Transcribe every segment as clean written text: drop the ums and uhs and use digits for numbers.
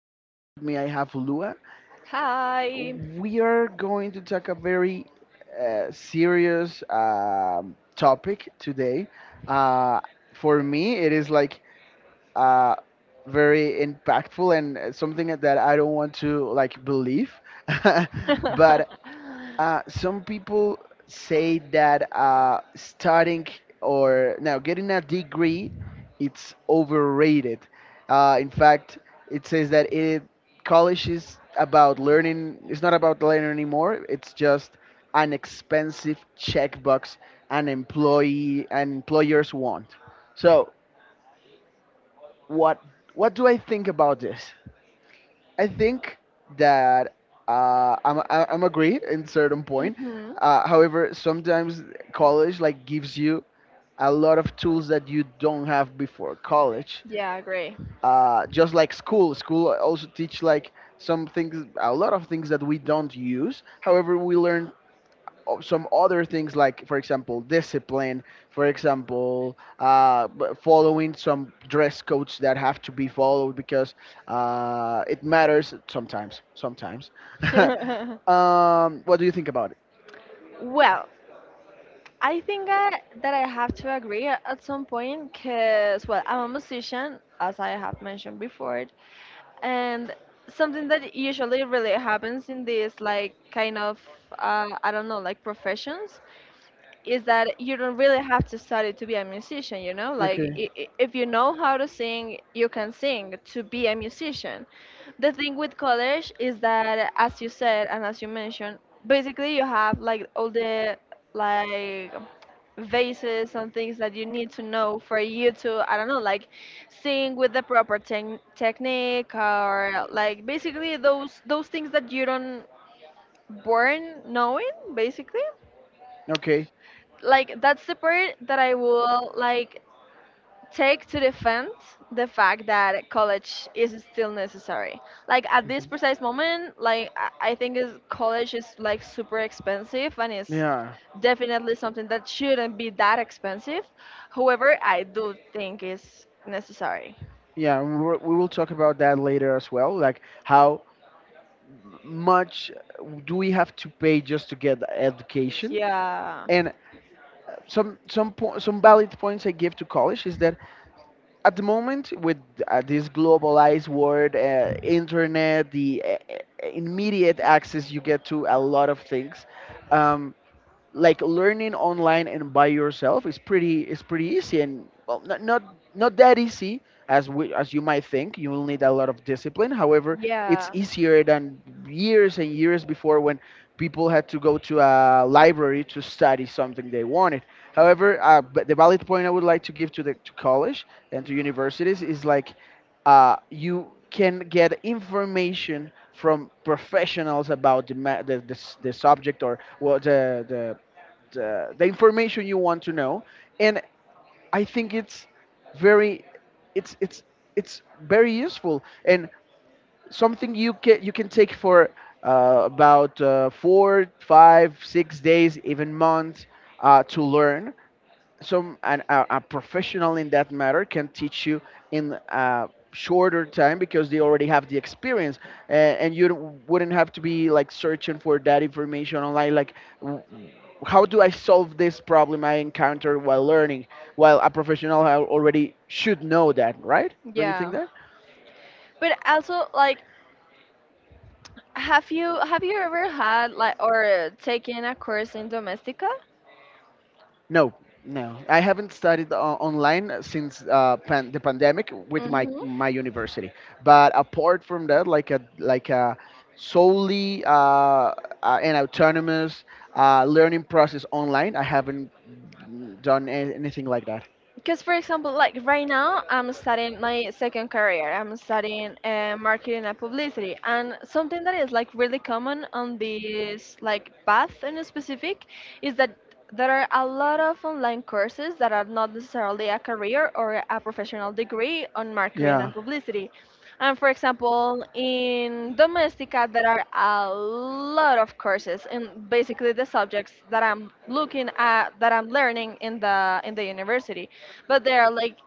and here with me I have Lua. Hi. We are going to talk a very serious topic today. Uh, for me, it is like uh, very impactful and something that I don't want to like believe, but some people say that starting or now getting a degree, it's overrated. In fact, it says that it college is about learning. It's not about learning anymore. It's just an expensive checkbox an employee and employers want. So what what do I think about this? I think that I'm agreed in certain point. hmm However, sometimes college like gives you a lot of tools that you don't have before college. Yeah, I agree. Just like school also teach like some things, a lot of things that we don't use. However, we learn some other things, like for example discipline, for example following some dress codes that have to be followed, because it matters, sometimes. What do you think about it? Well, I think that I have to agree at some point because, well, I'm a musician, as I have mentioned before, and something that usually really happens in this, like, kind of, I don't know, like professions is that you don't really have to study to be a musician like Okay, if you know how to sing, you can sing to be a musician. The thing with college is that, as you said and as you mentioned, basically you have like all the like bases and things that you need to know for you to, I don't know, like sing with the proper technique or like basically those things that you don't born knowing basically. okay. Like, that's the part that I will like take to defend the fact that college is still necessary. Like at this Mhm. precise moment, like I think is college is like super expensive, and it's Yeah, definitely something that shouldn't be that expensive. However, I do think it's necessary. yeah, we will talk about that later as well, like how much do we have to pay just to get education? Yeah. And some valid points I give to college is that at the moment, with this globalized world, internet, the immediate access you get to a lot of things. Um, like learning online and by yourself is pretty easy. And, well, not that easy as as you might think. You will need a lot of discipline. However, it's Yeah. easier than years and years before, when people had to go to a library to study something they wanted. However, but the valid point I would like to give to the to college and to universities is, like, you can get information from professionals about the subject, or what the information you want to know. And I think very it's it's it's very useful, and something you can take for about 4, 5, 6 days, even months, to learn. A a professional in that matter can teach you in a shorter time, because they already have the experience. And you don't- wouldn't have to be like searching for that information online, like, w- how do I solve this problem I encountered while learning, while a professional already should know that, right? Don't you think Yeah. that? But also, like, have you ever had, like, or taken a course in Domestica? No, no. I haven't studied online since the pandemic with my Mhm. my university. But apart from that, like a, solely, an autonomous learning process online, I haven't done anything like that. Because, for example, like right now, I'm studying my second career. I'm studying marketing and publicity, and something that is like really common on this like path in specific is that there are a lot of online courses that are not necessarily a career or a professional degree on marketing Yeah, and publicity. And for example, in Domestica, there are a lot of courses in basically the subjects that I'm looking at, that I'm learning in the university, but they are like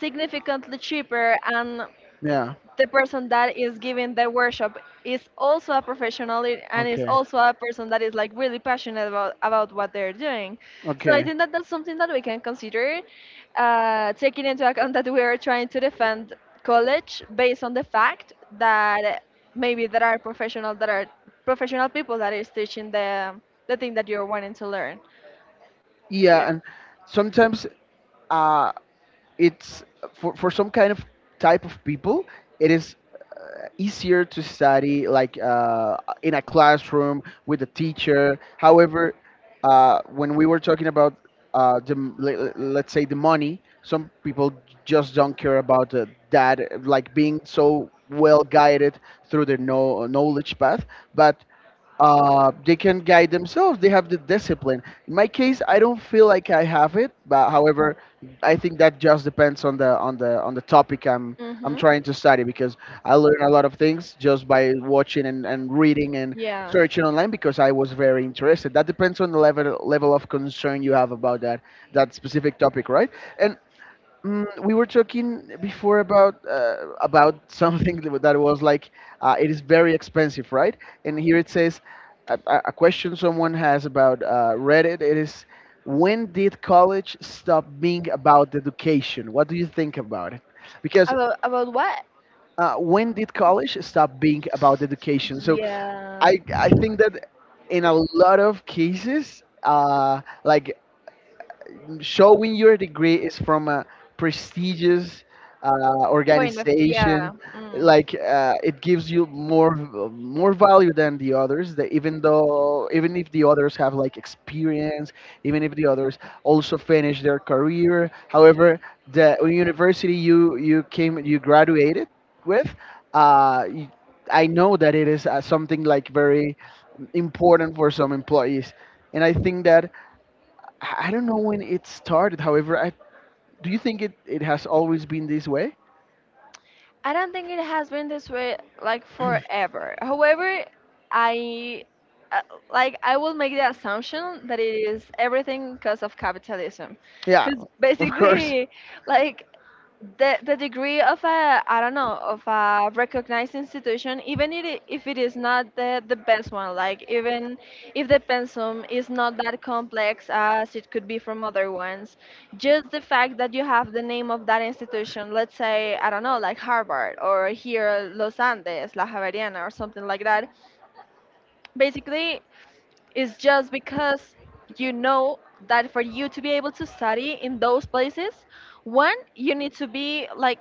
significantly cheaper, and yeah. the person that is giving the workshop is also a professional and is Okay, also a person that is like really passionate about what they're doing. So I okay. think that that's something that we can consider, taking into account that we are trying to defend college based on the fact that maybe there are professional people that is teaching the thing that you're wanting to learn. Yeah, and sometimes uh, It's it's for some kind of type. type of people it It is is easier easier to to say study, like, in in a a classroom classroom with a teacher. teacher. I would. However, when we were talking about the m- le- le- let's say, the money, some people just don't care about that, like being so well guided through their no, knowledge path, but they can guide themselves. They have the discipline. In my case, I don't feel like I have it, but however, I think that just depends on the topic I'm Mhm. trying to study, because I learn a lot of things just by watching and, reading and Yeah. searching online because I was very interested. That depends on the level of concern you have about that specific topic, right? And we were talking before about, something that that was like, it is very expensive, right? And here it says a question someone has about Reddit. It is, when did college stop being about education? What do you think about it? Because About what? When did college stop being about education? So Yeah. I I think that, in a lot of cases, like, showing your degree is from a prestigious Point of organization, yeah. Mm. like, it gives you more value than the others, that even if the others have like experience, even if the others also finish their career. However, the university you graduated with, uh, y- I know that it is something like very important for some employees. And I think that I don't know when it started. However, I do you think it has always been this way? I don't think it has been this way like forever. However, I uh, like I will make the assumption that it is everything because of capitalism, Yeah, because of course. basically, like the degree of a, I don't know, of a recognized institution, even if it is not the best one, like even if the pensum is not that complex as it could be from other ones, just the fact that you have the name of that institution, let's say I don't know, like Harvard or here Los Andes, La Javeriana or something like that, basically it's just because you know that for you to be able to study in those places, one, you need to be like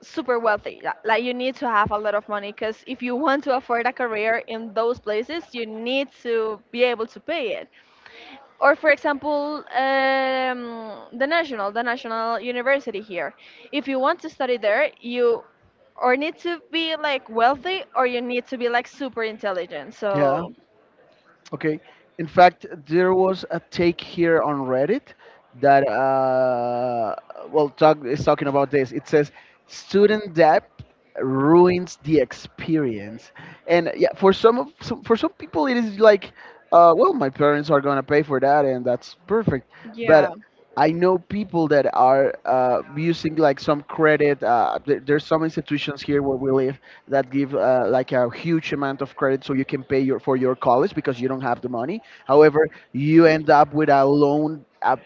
super wealthy. Yeah. Like you need to have a lot of money because if you want to afford a career in those places, you need to be able to pay it. Or for example, the national university here. If you want to study there, you or need to be like wealthy, or you need to be like super intelligent. Yeah. So Okay. In fact, there was a take here on Reddit that, well, is talking about this. It says, student debt ruins the experience. And yeah, for some people, it is like, well, my parents are gonna pay for that, and that's perfect. yeah, But I know people that are using like some credit. There's some institutions here where we live that give, like, a huge amount of credit, so you can pay your for your college because you don't have the money. However, you end up with a loan, a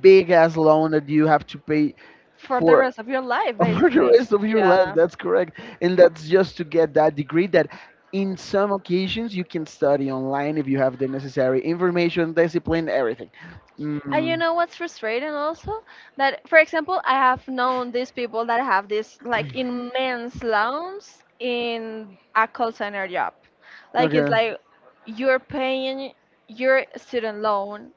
big ass loan, that you have to pay for the for rest of your life over the basically. rest of your life. Yeah. That's correct, and that's just to get that degree that. In some occasions, you can study online if you have the necessary information, discipline, everything. And you Mm, know what's frustrating also? That, for example, I have known these people that have this like immense loans in a call center job. Like, it's okay. like you're paying your student loan,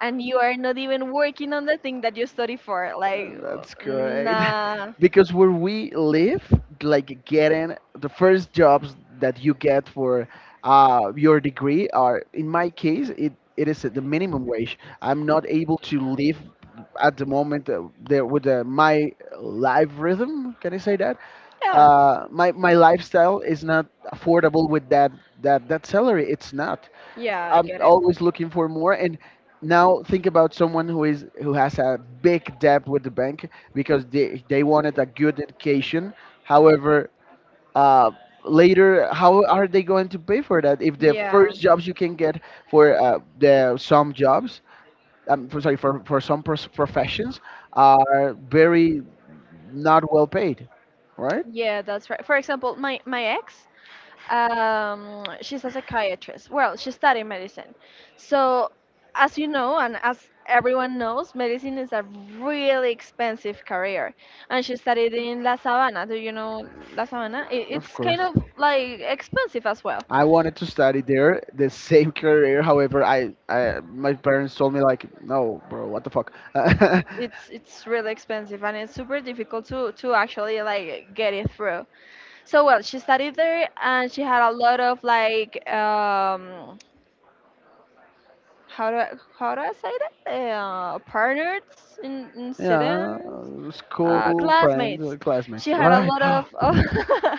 and you are not even working on the thing that you study for. Like, That's great. nah. Because where we live, like, getting the first jobs that you get for your degree are, in my case, it is the minimum wage. I'm not able to live at the moment, there with my life rhythm. Can I say that? Yeah. My lifestyle is not affordable with that salary. It's not. Yeah, I I'm get it. always looking for more. And now think about someone who has a big debt with the bank because they wanted a good education. However, uh, later, how are they going to pay for that if the Yeah. first jobs you can get for sorry, for some professions are very not well paid, right? Yeah, that's right. For example, my ex, she's a psychiatrist. Well, she studied medicine. So, as you know, and as everyone knows, medicine is a really expensive career. And she studied in La Sabana. Do you know La Sabana? It, Of it's kind course. of like expensive as well. I wanted to study there, the same career. However, I my parents told me like, no, bro, what the fuck? It's really expensive, and it's super difficult to actually like get it through. So well, she studied there, and she had a lot of like how do I, how do I say that? Partners in Yeah, students, school friend, classmates. She classmates, had a right? lot of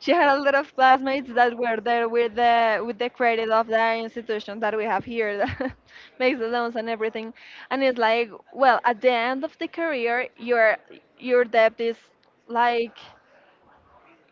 She had a lot of classmates that were there with the credit of the institution that we have here that makes the loans and everything. And it's like, well, at the end of the career, your debt is like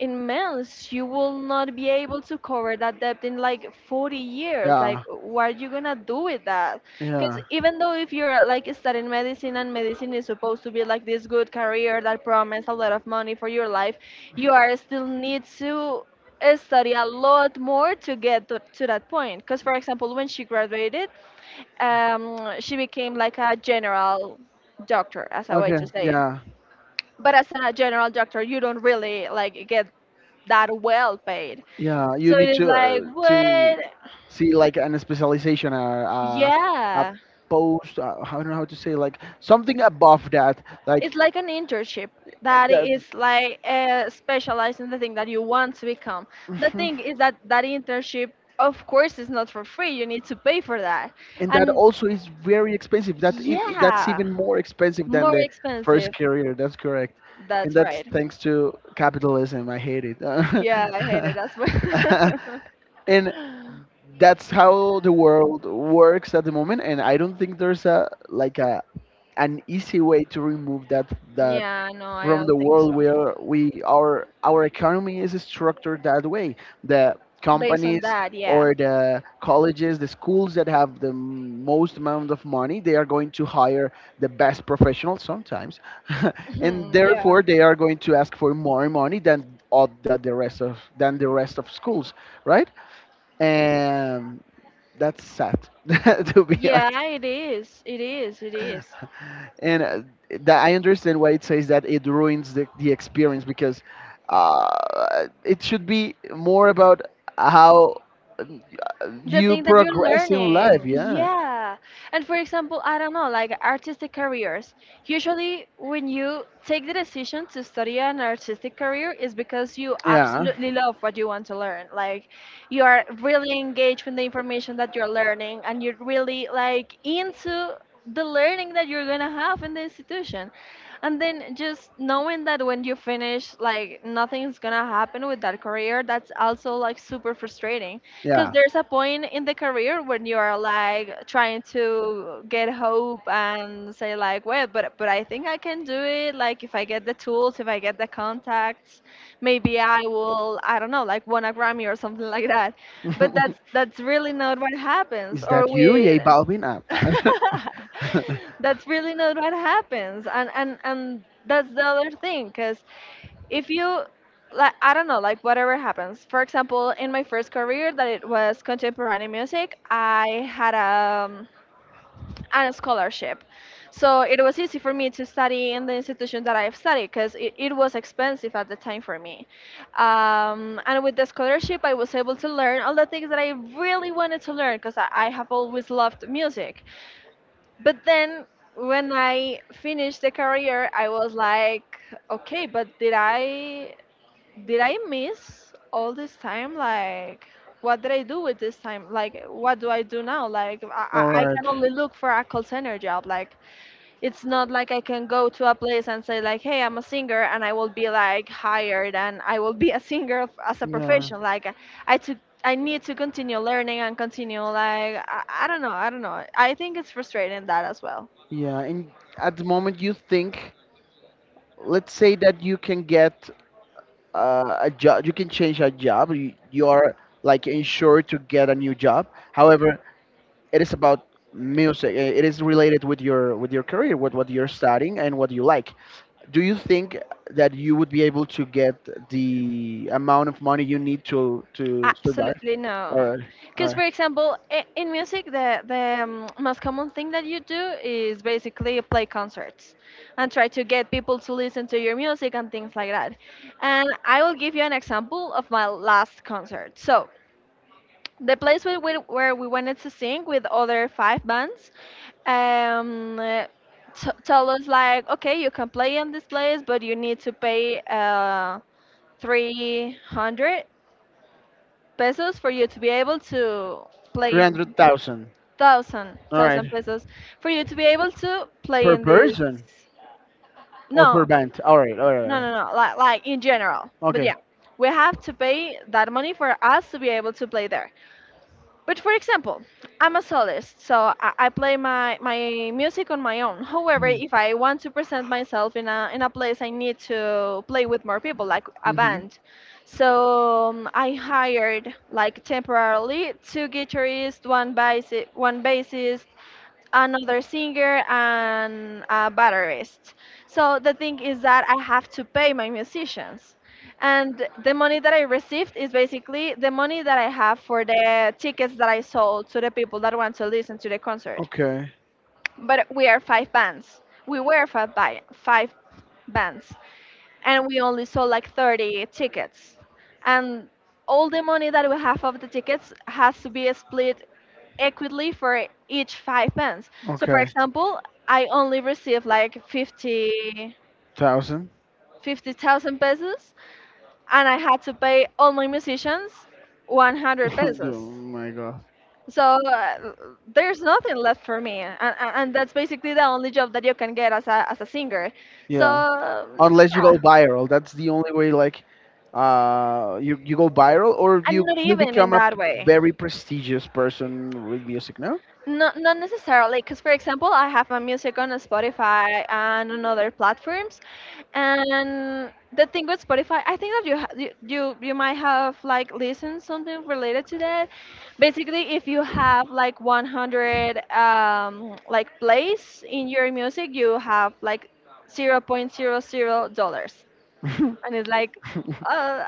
in months you will not be able to cover that debt in like 40 years, like Yeah, what are you gonna do with that? Because yeah. even though if you're like studying medicine, and medicine is supposed to be like this good career that promises a lot of money for your life, you are still need to study a lot more to get to that point because, for example, when she graduated, she became like a general doctor, as a way Okay, to say it. yeah, But as a general doctor, you don't really like get that well paid. yeah. You So it need is to like, what? see like an specialization, or a Yeah, post. I don't know how to say like something above that, like it's like an internship that that. is like specialized in the thing that you want to become. The thing is that that internship, of course, is not for free. You need to pay for that, And that and also is very expensive. That's yeah, even more expensive than more the first expensive. career. That's correct, and That's that's right. thanks to capitalism. I hate it, Yeah, I hate it as well. and that's how the world works at the moment. And I don't think there's a like a an easy way to remove that that Yeah, no, I from the don't think so. world, where we our economy is structured that way. The Based on companies that, yeah, or the colleges, the schools that have the most amount of money, they are going to hire the best professionals sometimes, and therefore they are going to ask for more money than all the rest yeah. of than the rest of schools, right? And that's sad to be. Yeah, it is. It is. It is. And that, I understand why it says that it ruins the experience, because it should be more about how uh, The you thing that you're progress in life. learning. Yeah, Yeah. And for example, I don't know, like artistic careers. Usually, when you take the decision to study an artistic career, is because you yeah. absolutely love what you want to learn. Like, you are really engaged with the information that you're learning, and you're really like into the learning that you're gonna have in the institution. And then just knowing that when you finish, like nothing's gonna happen with that career, that's also like super frustrating, because Yeah. there's a point in the career when you are like trying to get hope and say like, well, but I think I can do it, like if I get the tools, if I get the contacts, maybe I will, I don't know, like win a Grammy or something like that. But that's that's really not what happens Is or that you, Yay with. Balvin? Uh, That's really not what happens. And that's the other thing because if you, like, I don't know, like whatever happens. For example, in my first career, that it was contemporary music, I had a scholarship, so it was easy for me to study in the institution that I've studied because it was expensive at the time for me, and with the scholarship I was able to learn all the things that I really wanted to learn, because I have always loved music. But then when I finished the career, I was like, okay, but did I miss all this time? Like, what did I do with this time? Like, what do I do now? Like, I, All I I right. can only look for a call center job. Like, it's not like I can go to a place and say, like, hey, I'm a singer, and I will be like hired, and I will be a singer as a Yeah. profession. Like, I took. I need to continue learning and continue like I don't know. I think it's frustrating that as well. Yeah. And at the moment, you think, let's say that you can get a job, you can change a job, you are like insured to get a new job. However, it is about music, it is related with your career, with what you're studying and what you like. Do you think that you would be able to get the amount of money you need to survive? Absolutely no. All right, all Because, for right. example, in music, the most common thing that you do is basically play concerts and try to get people to listen to your music and things like that. And I will give you an example of my last concert. So, the place where we wanted to sing with other five bands, um, uh, told us, like, okay, you can play in this place, but you need to pay 300 pesos for you to be able to play in 300,000? thousand All right, thousand pesos for you to be able to play per in this. person, or per No, band? All right, all right, all no, right. no, no, like in general, but Okay. yeah. We have to pay that money for us to be able to play there. But, for example, I'm a soloist, so I play my music on my own. However, if I want to present myself in a place, I need to play with more people, like a Mm-hmm. band. So I hired like temporarily two guitarists, one bassist, another singer, and a batterist. So the thing is that I have to pay my musicians. And the money that I received is basically the money that I have for the tickets that I sold to the people that want to listen to the concert. Okay. But we are five bands. We were five bands, and we only sold like 30 tickets, and all the money that we have of the tickets has to be split equitably for each five pence. So, for Okay. example, I only received like 50 Thousand. 50,000 pesos, and I had to pay all my musicians 100 Oh pesos. my god. So uh, there's nothing left for me, and that's basically the only job that you can get as a singer. So Yeah. Unless you go yeah. viral, that's the only way. Like, you go viral, or And you not you even in become a that way. very prestigious person with music. No. Not necessarily, because, for example, I have my music on Spotify and on other platforms, and the thing with Spotify, I think that you ha you, you you might have like listened something related to that. Basically, if you have like 100 like plays in your music, you have like 0.00 point zero zero dollars, and it's like, uh,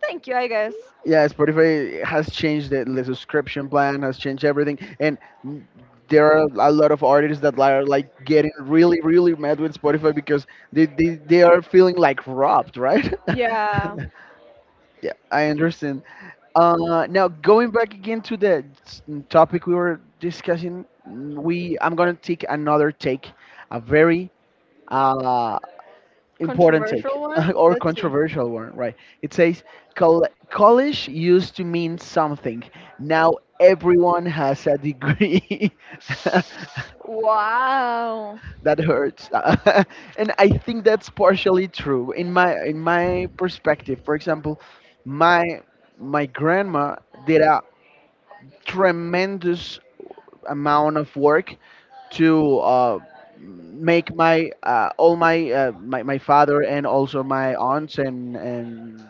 thank you, I guess. Yeah, Spotify has changed the subscription plan, has changed everything, and mm, there are a lot of artists that are like getting really, really mad with Spotify because they are feeling like robbed, right? Yeah, Yeah, I understand. Now, going back again to topic we were discussing, we I'm gonna take another take, a very uh, important take, controversial one. or Let's see. controversial one, right? It says, College used to mean something. Now everyone has a degree." Wow. That hurts. And I think that's partially true in my perspective. For example, my my grandma did a tremendous amount of work to make my all my, my father and also my aunts and and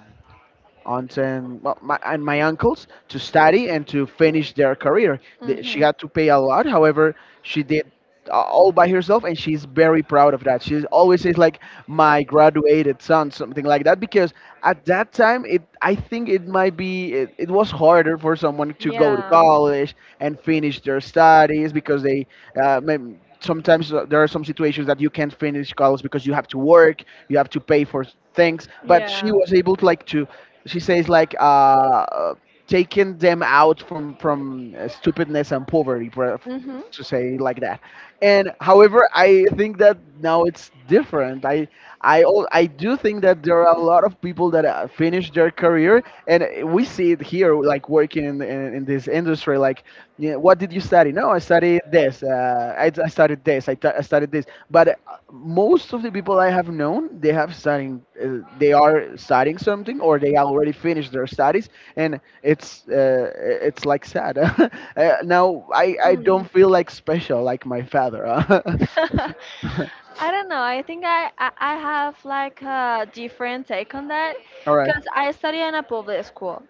aunts and well, my, and my uncles to study and to finish their career. She Mm-hmm. had to pay a lot. However, she did all by herself, and she's very proud of that. She always says like my graduated son, something like that, because at that time it I think it might be it was harder for someone to go to Yeah. college and finish their studies because they maybe sometimes there are some situations that you can't finish college because you have to work, you have to pay for things. But Yeah. she was able to she says like taking them out from stupidness and poverty, Mm-hmm. to say like that. And However, I think that now it's different. I do think that there are a lot of people that finish their career, and we see it here, like working in this industry. Like yeah, what did you study? No, I studied this. I studied this. I studied this. But most of the people I have known, they have studying. They are studying something, or they already finished their studies, and it's like sad. Now I Mm. don't feel like special like my father. Uh. I don't know. I think I have like a different take on that, All right, because I study in a public school,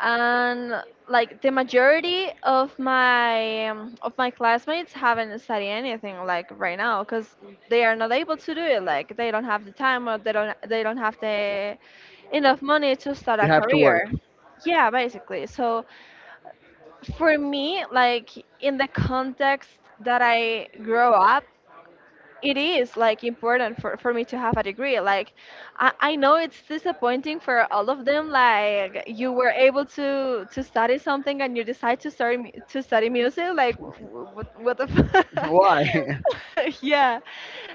and like the majority of my classmates haven't studied anything like right now, because they are not able to do it, like they don't have the time, or they don't have the enough money to start you a have to work. career. Yeah, basically. So for me, like, in the context that I grow up, it is like important for me to have a degree. Like, I know it's disappointing for all of them, like you were able to study something, and you decide to study music. Like what the fuck. Why? Yeah.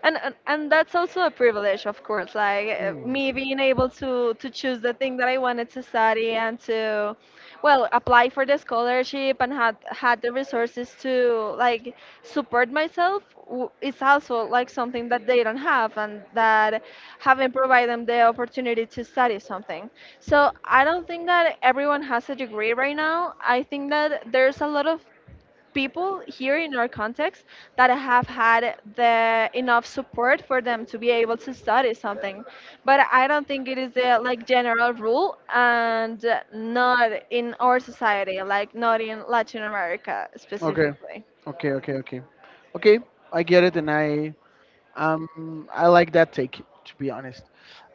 And that's also a privilege, of course. Like, me being able to choose the thing that I wanted to study and to, well, apply for the scholarship, and had the resources to like support myself w- is also like something that they don't have, and that haven't provided them the opportunity to study something. So I don't think that everyone has a degree right now. I think that there's a lot of people here in our context that have had the enough support for them to be able to study something. But I don't think it is a like general rule, and not in our society, like not in Latin America okay, specifically. okay, okay. I get it, and I like that take, to be honest.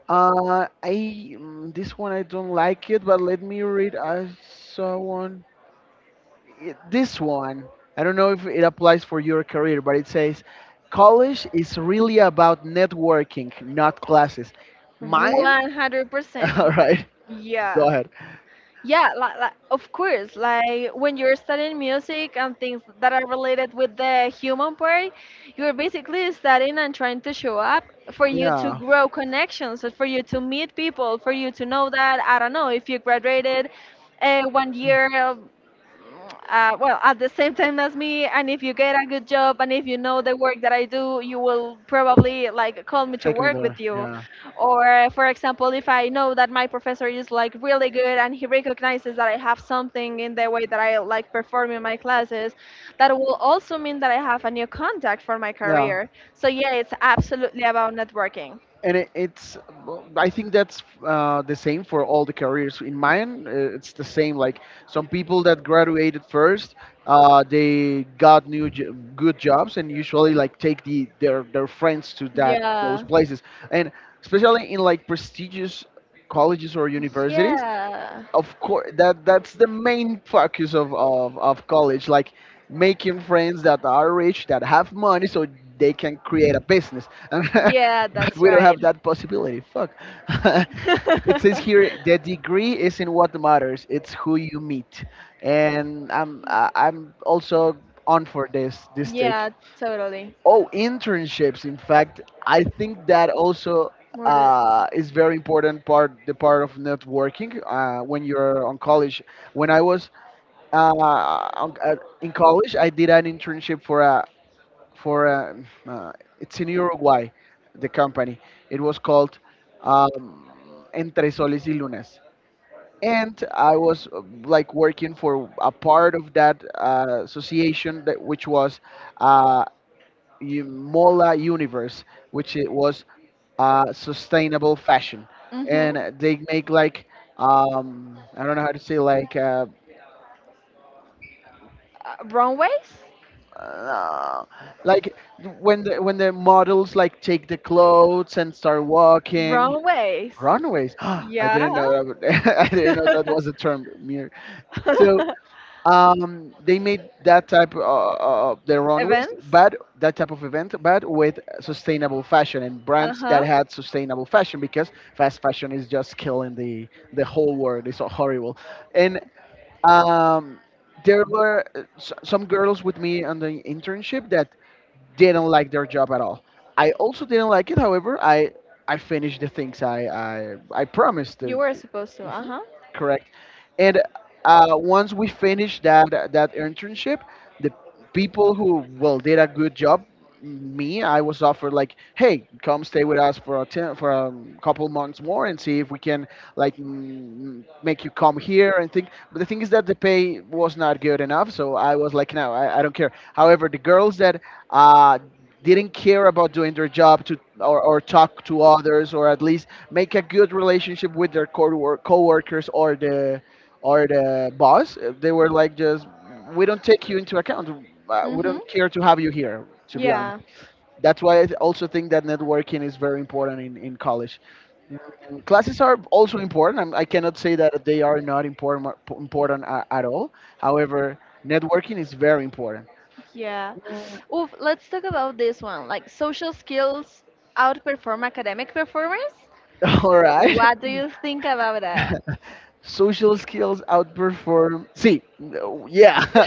Uh, I this one I don't like it, but let me read. I saw one. This one I don't know if it applies for your career, but it says college is really about networking, not classes. Mine? 100%. All right, Yeah. go ahead. Yeah, like of course, like when you're studying music and things that are related with the human part, you're basically studying and trying to show up for you to Yeah. grow connections, and for you to meet people, for you to know that, I don't know if you graduated one year, well, at the same time as me, and if you get a good job and if you know the work that I do, you will probably like call me to Take me work there. with you. Yeah. Or, for example, if I know that my professor is like really good and he recognizes that I have something in the way that I like perform in my classes, that will also mean that I have a new contact for my Yeah. career. So, yeah, it's absolutely about networking. And it, it's, well, I think that's the same for all the careers. In mine, it's the same. Like some people that graduated first, they got good jobs, and usually like take their friends to that those Yeah, places. And especially in like prestigious colleges or universities, yeah, of course that's the main focus of, of college, like making friends that are rich, that have money, so they can create a business, and yeah, but that's we don't have right. that possibility. Fuck. It says here, the degree isn't what matters, it's who you meet, and I'm also on for this take. Yeah, totally. Oh, internships. In fact, I think that also Murder. Is very important part, the part of networking when you're on college. When I was uh, on, uh, in college, I did an internship for a, uh, it's in Uruguay, the company. It was called Entre Soles y Lunas, and I was like working for a part of that association that which was. Uh, Mola Universe, which it was sustainable fashion, Mm-hmm. and they make like I don't know how to say Wrong ways? uh, like when the models like take the clothes and start walking Wrong ways. runways. I didn't Yeah. know that. I didn't know that was a term. Mir. So um, they made that type of their runways, Events? but that type of event, but with sustainable fashion and brands that Uh-huh. had sustainable fashion because fast fashion is just killing the whole world. It's so horrible, and um, there were some girls with me on the internship that didn't like their job at all. I also didn't like it. However, I finished the things I promised You to. were supposed to. Uh-huh. Correct. And once we finished that internship, the people who well did a good job, me, I was offered like, hey, come stay with us for a couple months more and see if we can like make you come here and think. But the thing is that the pay was not good enough, so I was like, no, I don't care. However, the girls that uh, didn't care about doing their job to or talk to others or at least make a good relationship with their co-workers or the boss, they were like, just we don't take you into account. We Mm-hmm. don't care to have you here, to be honest. Yeah. That's why I also think that networking is very important in college. Mm, classes are also important. I cannot say that they are not important at all. However, networking is very important. Yeah. Mm. Oof, let's talk about this one. Like, social skills outperform academic performance. All right. What do you think about that? Social skills outperform. See, no, yeah.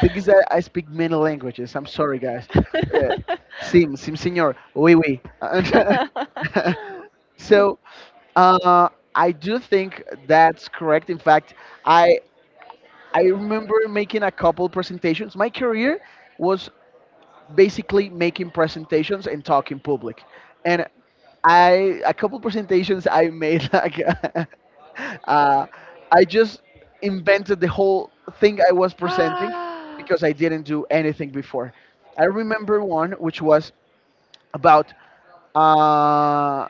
Thing is that I speak many languages. I'm sorry, guys. Uh, sim, sim, senor. Oui, oui. So uh, I do think that's correct. In fact, I I remember making a couple presentations. My career was basically making presentations and talk in public. And I a couple presentations I made like uh, I just invented the whole thing I was presenting because I didn't do anything before. I remember one, which was What? about uh,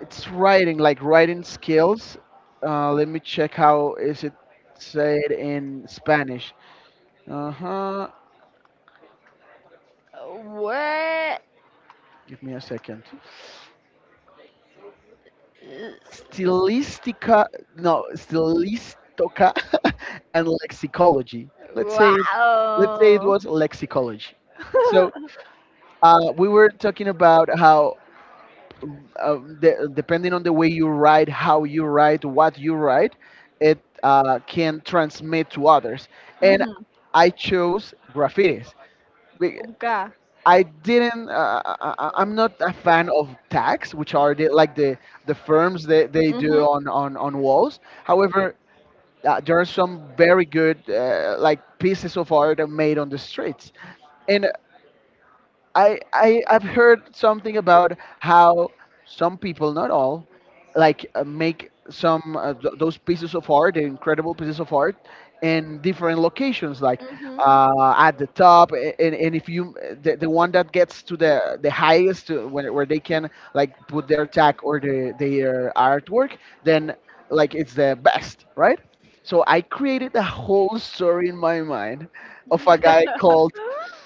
it's writing, like writing skills. Let me check how is it said in Spanish. Uh huh. Give me a second. Stylistica, no, stylistica and lexicology. Let's say it Wow. was lexicology. So we were talking about how, depending on the way you write, how you write, what you write, it can transmit to others. And Mhm. I chose graffitis. Uga. I didn't. I'm not a Mhm. fan of tags, which are like the firms that they do on on walls. However, there are some very good like pieces of art made on the streets. And I I've heard something about how some people, not all, like make some those pieces of art, the incredible pieces of art, in different locations, like Mhm. At the top, and if you the one that gets to the highest, when, where they can like put their tag or their artwork, then like it's the best, right? So I created a whole story in my mind of a guy called,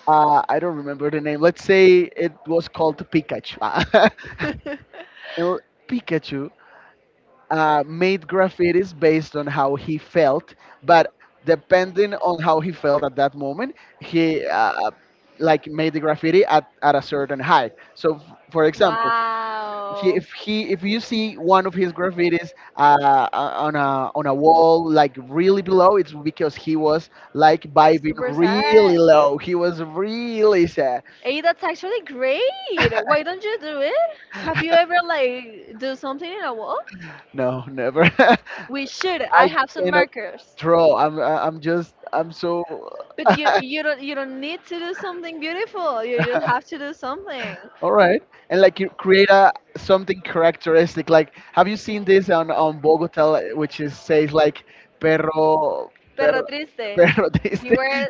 I don't remember the name. Let's say it was called Pikachu. And Pikachu made graffitis based on how he felt, but depending on how he felt at that moment, he like made the graffiti at a certain height. So, for example, Wow. if he, if you see one of his graffitis on a wall like really below, it's because he was like Like vibing super really sad. low. He was really sad. Hey, that's actually great. Why don't you do it? Have you ever like do something in a wall? No, never. We should. I I have some cannot markers. draw. I'm just I'm so But you you don't need to do something beautiful. You just have to do something. all right. And like you create a something characteristic. Like have you seen this on Bogota, which is says like perro Perro perro triste. perro this Beware,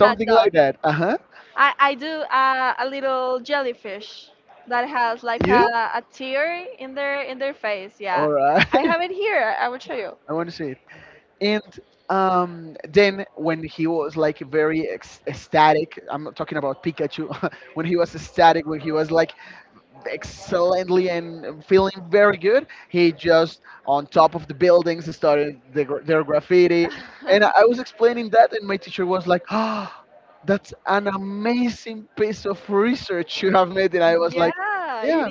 sad like dog. that. Uh huh. I do a little jellyfish that has like You a tear in their face. Yeah, all I right? have it here. I will show you. I want to see it. And then when he was like very ecstatic, I'm not talking about Pikachu. When he was ecstatic, when he was like excellently and feeling very good, he just on top of the buildings started the, their graffiti, and I was explaining that, and my teacher was like, "Ah, that's an amazing piece of research you have made," and I was like, Yeah, "Yeah."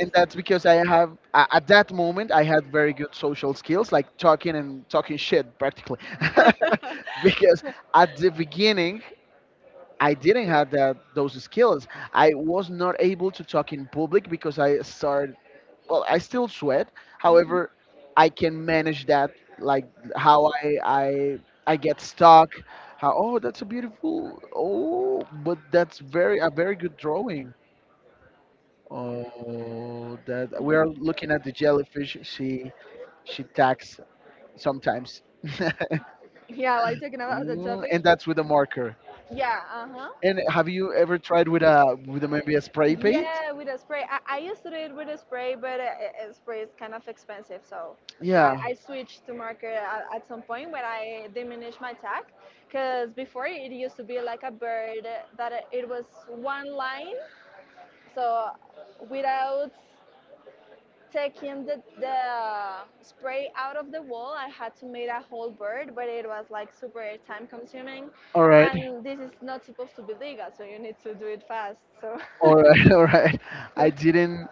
And that's because I have at that moment I had very good social skills, like talking and talking shit practically, because at the beginning I didn't have that those skills. I was not able to talk in public because I started. Well, I still sweat. is. However, I can manage that. Like how I get stuck. How, oh, that's a beautiful, oh, but that's very a very good drawing. Oh, that we are looking at the jellyfish. She attacks sometimes. Yeah, like taken out of the Mm, and topic. that's with a marker. Yeah, uh huh. And have you ever tried with a, maybe a spray Spray? paint? Yeah, with a spray. I used to do it with a spray, but a spray is kind of expensive, so I, Yeah. I switched to marker at some point when I diminished my tack. Because before it used to be like a bird that it was one line, so without taking the spray out of the wall, I had to make a whole bird, but it was like super time consuming All right. Right. And this is not supposed to be legal, so you need to do it fast, so All right. All right. I didn't.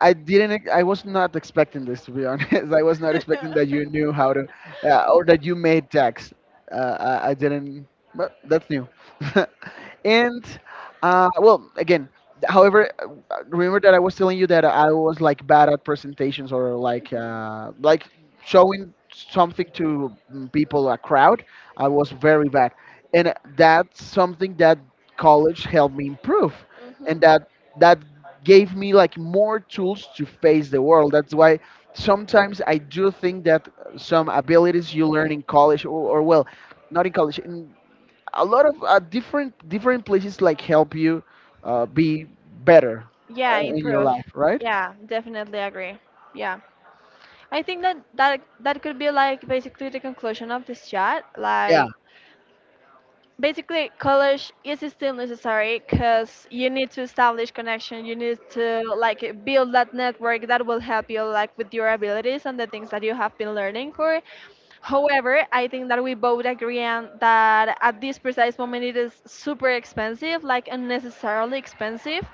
I didn't. I was not expecting this, to be honest. I was not expecting that you knew how to, or that you made tags. I didn't. But that's new. And well, again, however, remember that I was telling you that I was like bad at presentations or Mhm. Like showing something to people, a crowd. I was very bad, and that's something that college helped me improve, Mhm. and that gave me like more tools to face the world. That's why sometimes I do think that some abilities you learn in college or well, not in college, in a lot of different places like help you be better Yeah, in your improve. life, right? Yeah, definitely agree. Yeah. I think that that that could be like basically the conclusion of this chat. Yeah, Like, basically, college is still necessary, cuz you need to establish connection, you need to like build that network that will help you like with your abilities and the things that you have been learning for. However, I think that we both agree on that at this precise moment it is super expensive, like unnecessarily expensive,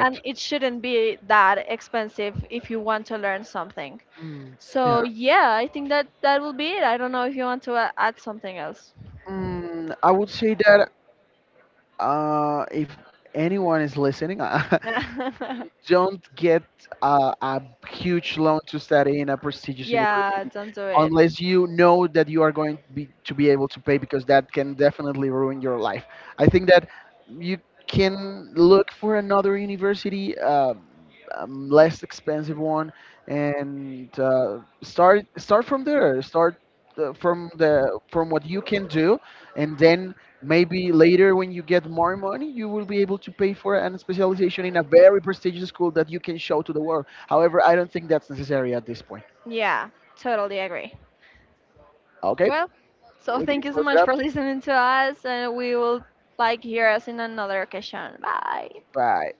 and it shouldn't be that expensive if you want to learn something. Mm, yeah. So, yeah, I think that that will be it. I don't know if you want to add something else. Mm, I would say that if anyone is listening, don't get a huge loan to study in a prestigious Yeah, university don't do it. unless you know that you are going to be able to pay, because that can definitely ruin your life. I think that you can look for another university, less expensive one, and start from there. Start from the from what you can do, and then maybe later, when you get more money, you will be able to pay for an specialization in a very prestigious school that you can show to the world. However, I don't think that's necessary at this point. Yeah, totally agree. Okay, Well, so we can thank you so close it much up. for listening to us, and we will like hear us in another occasion. Bye. Bye.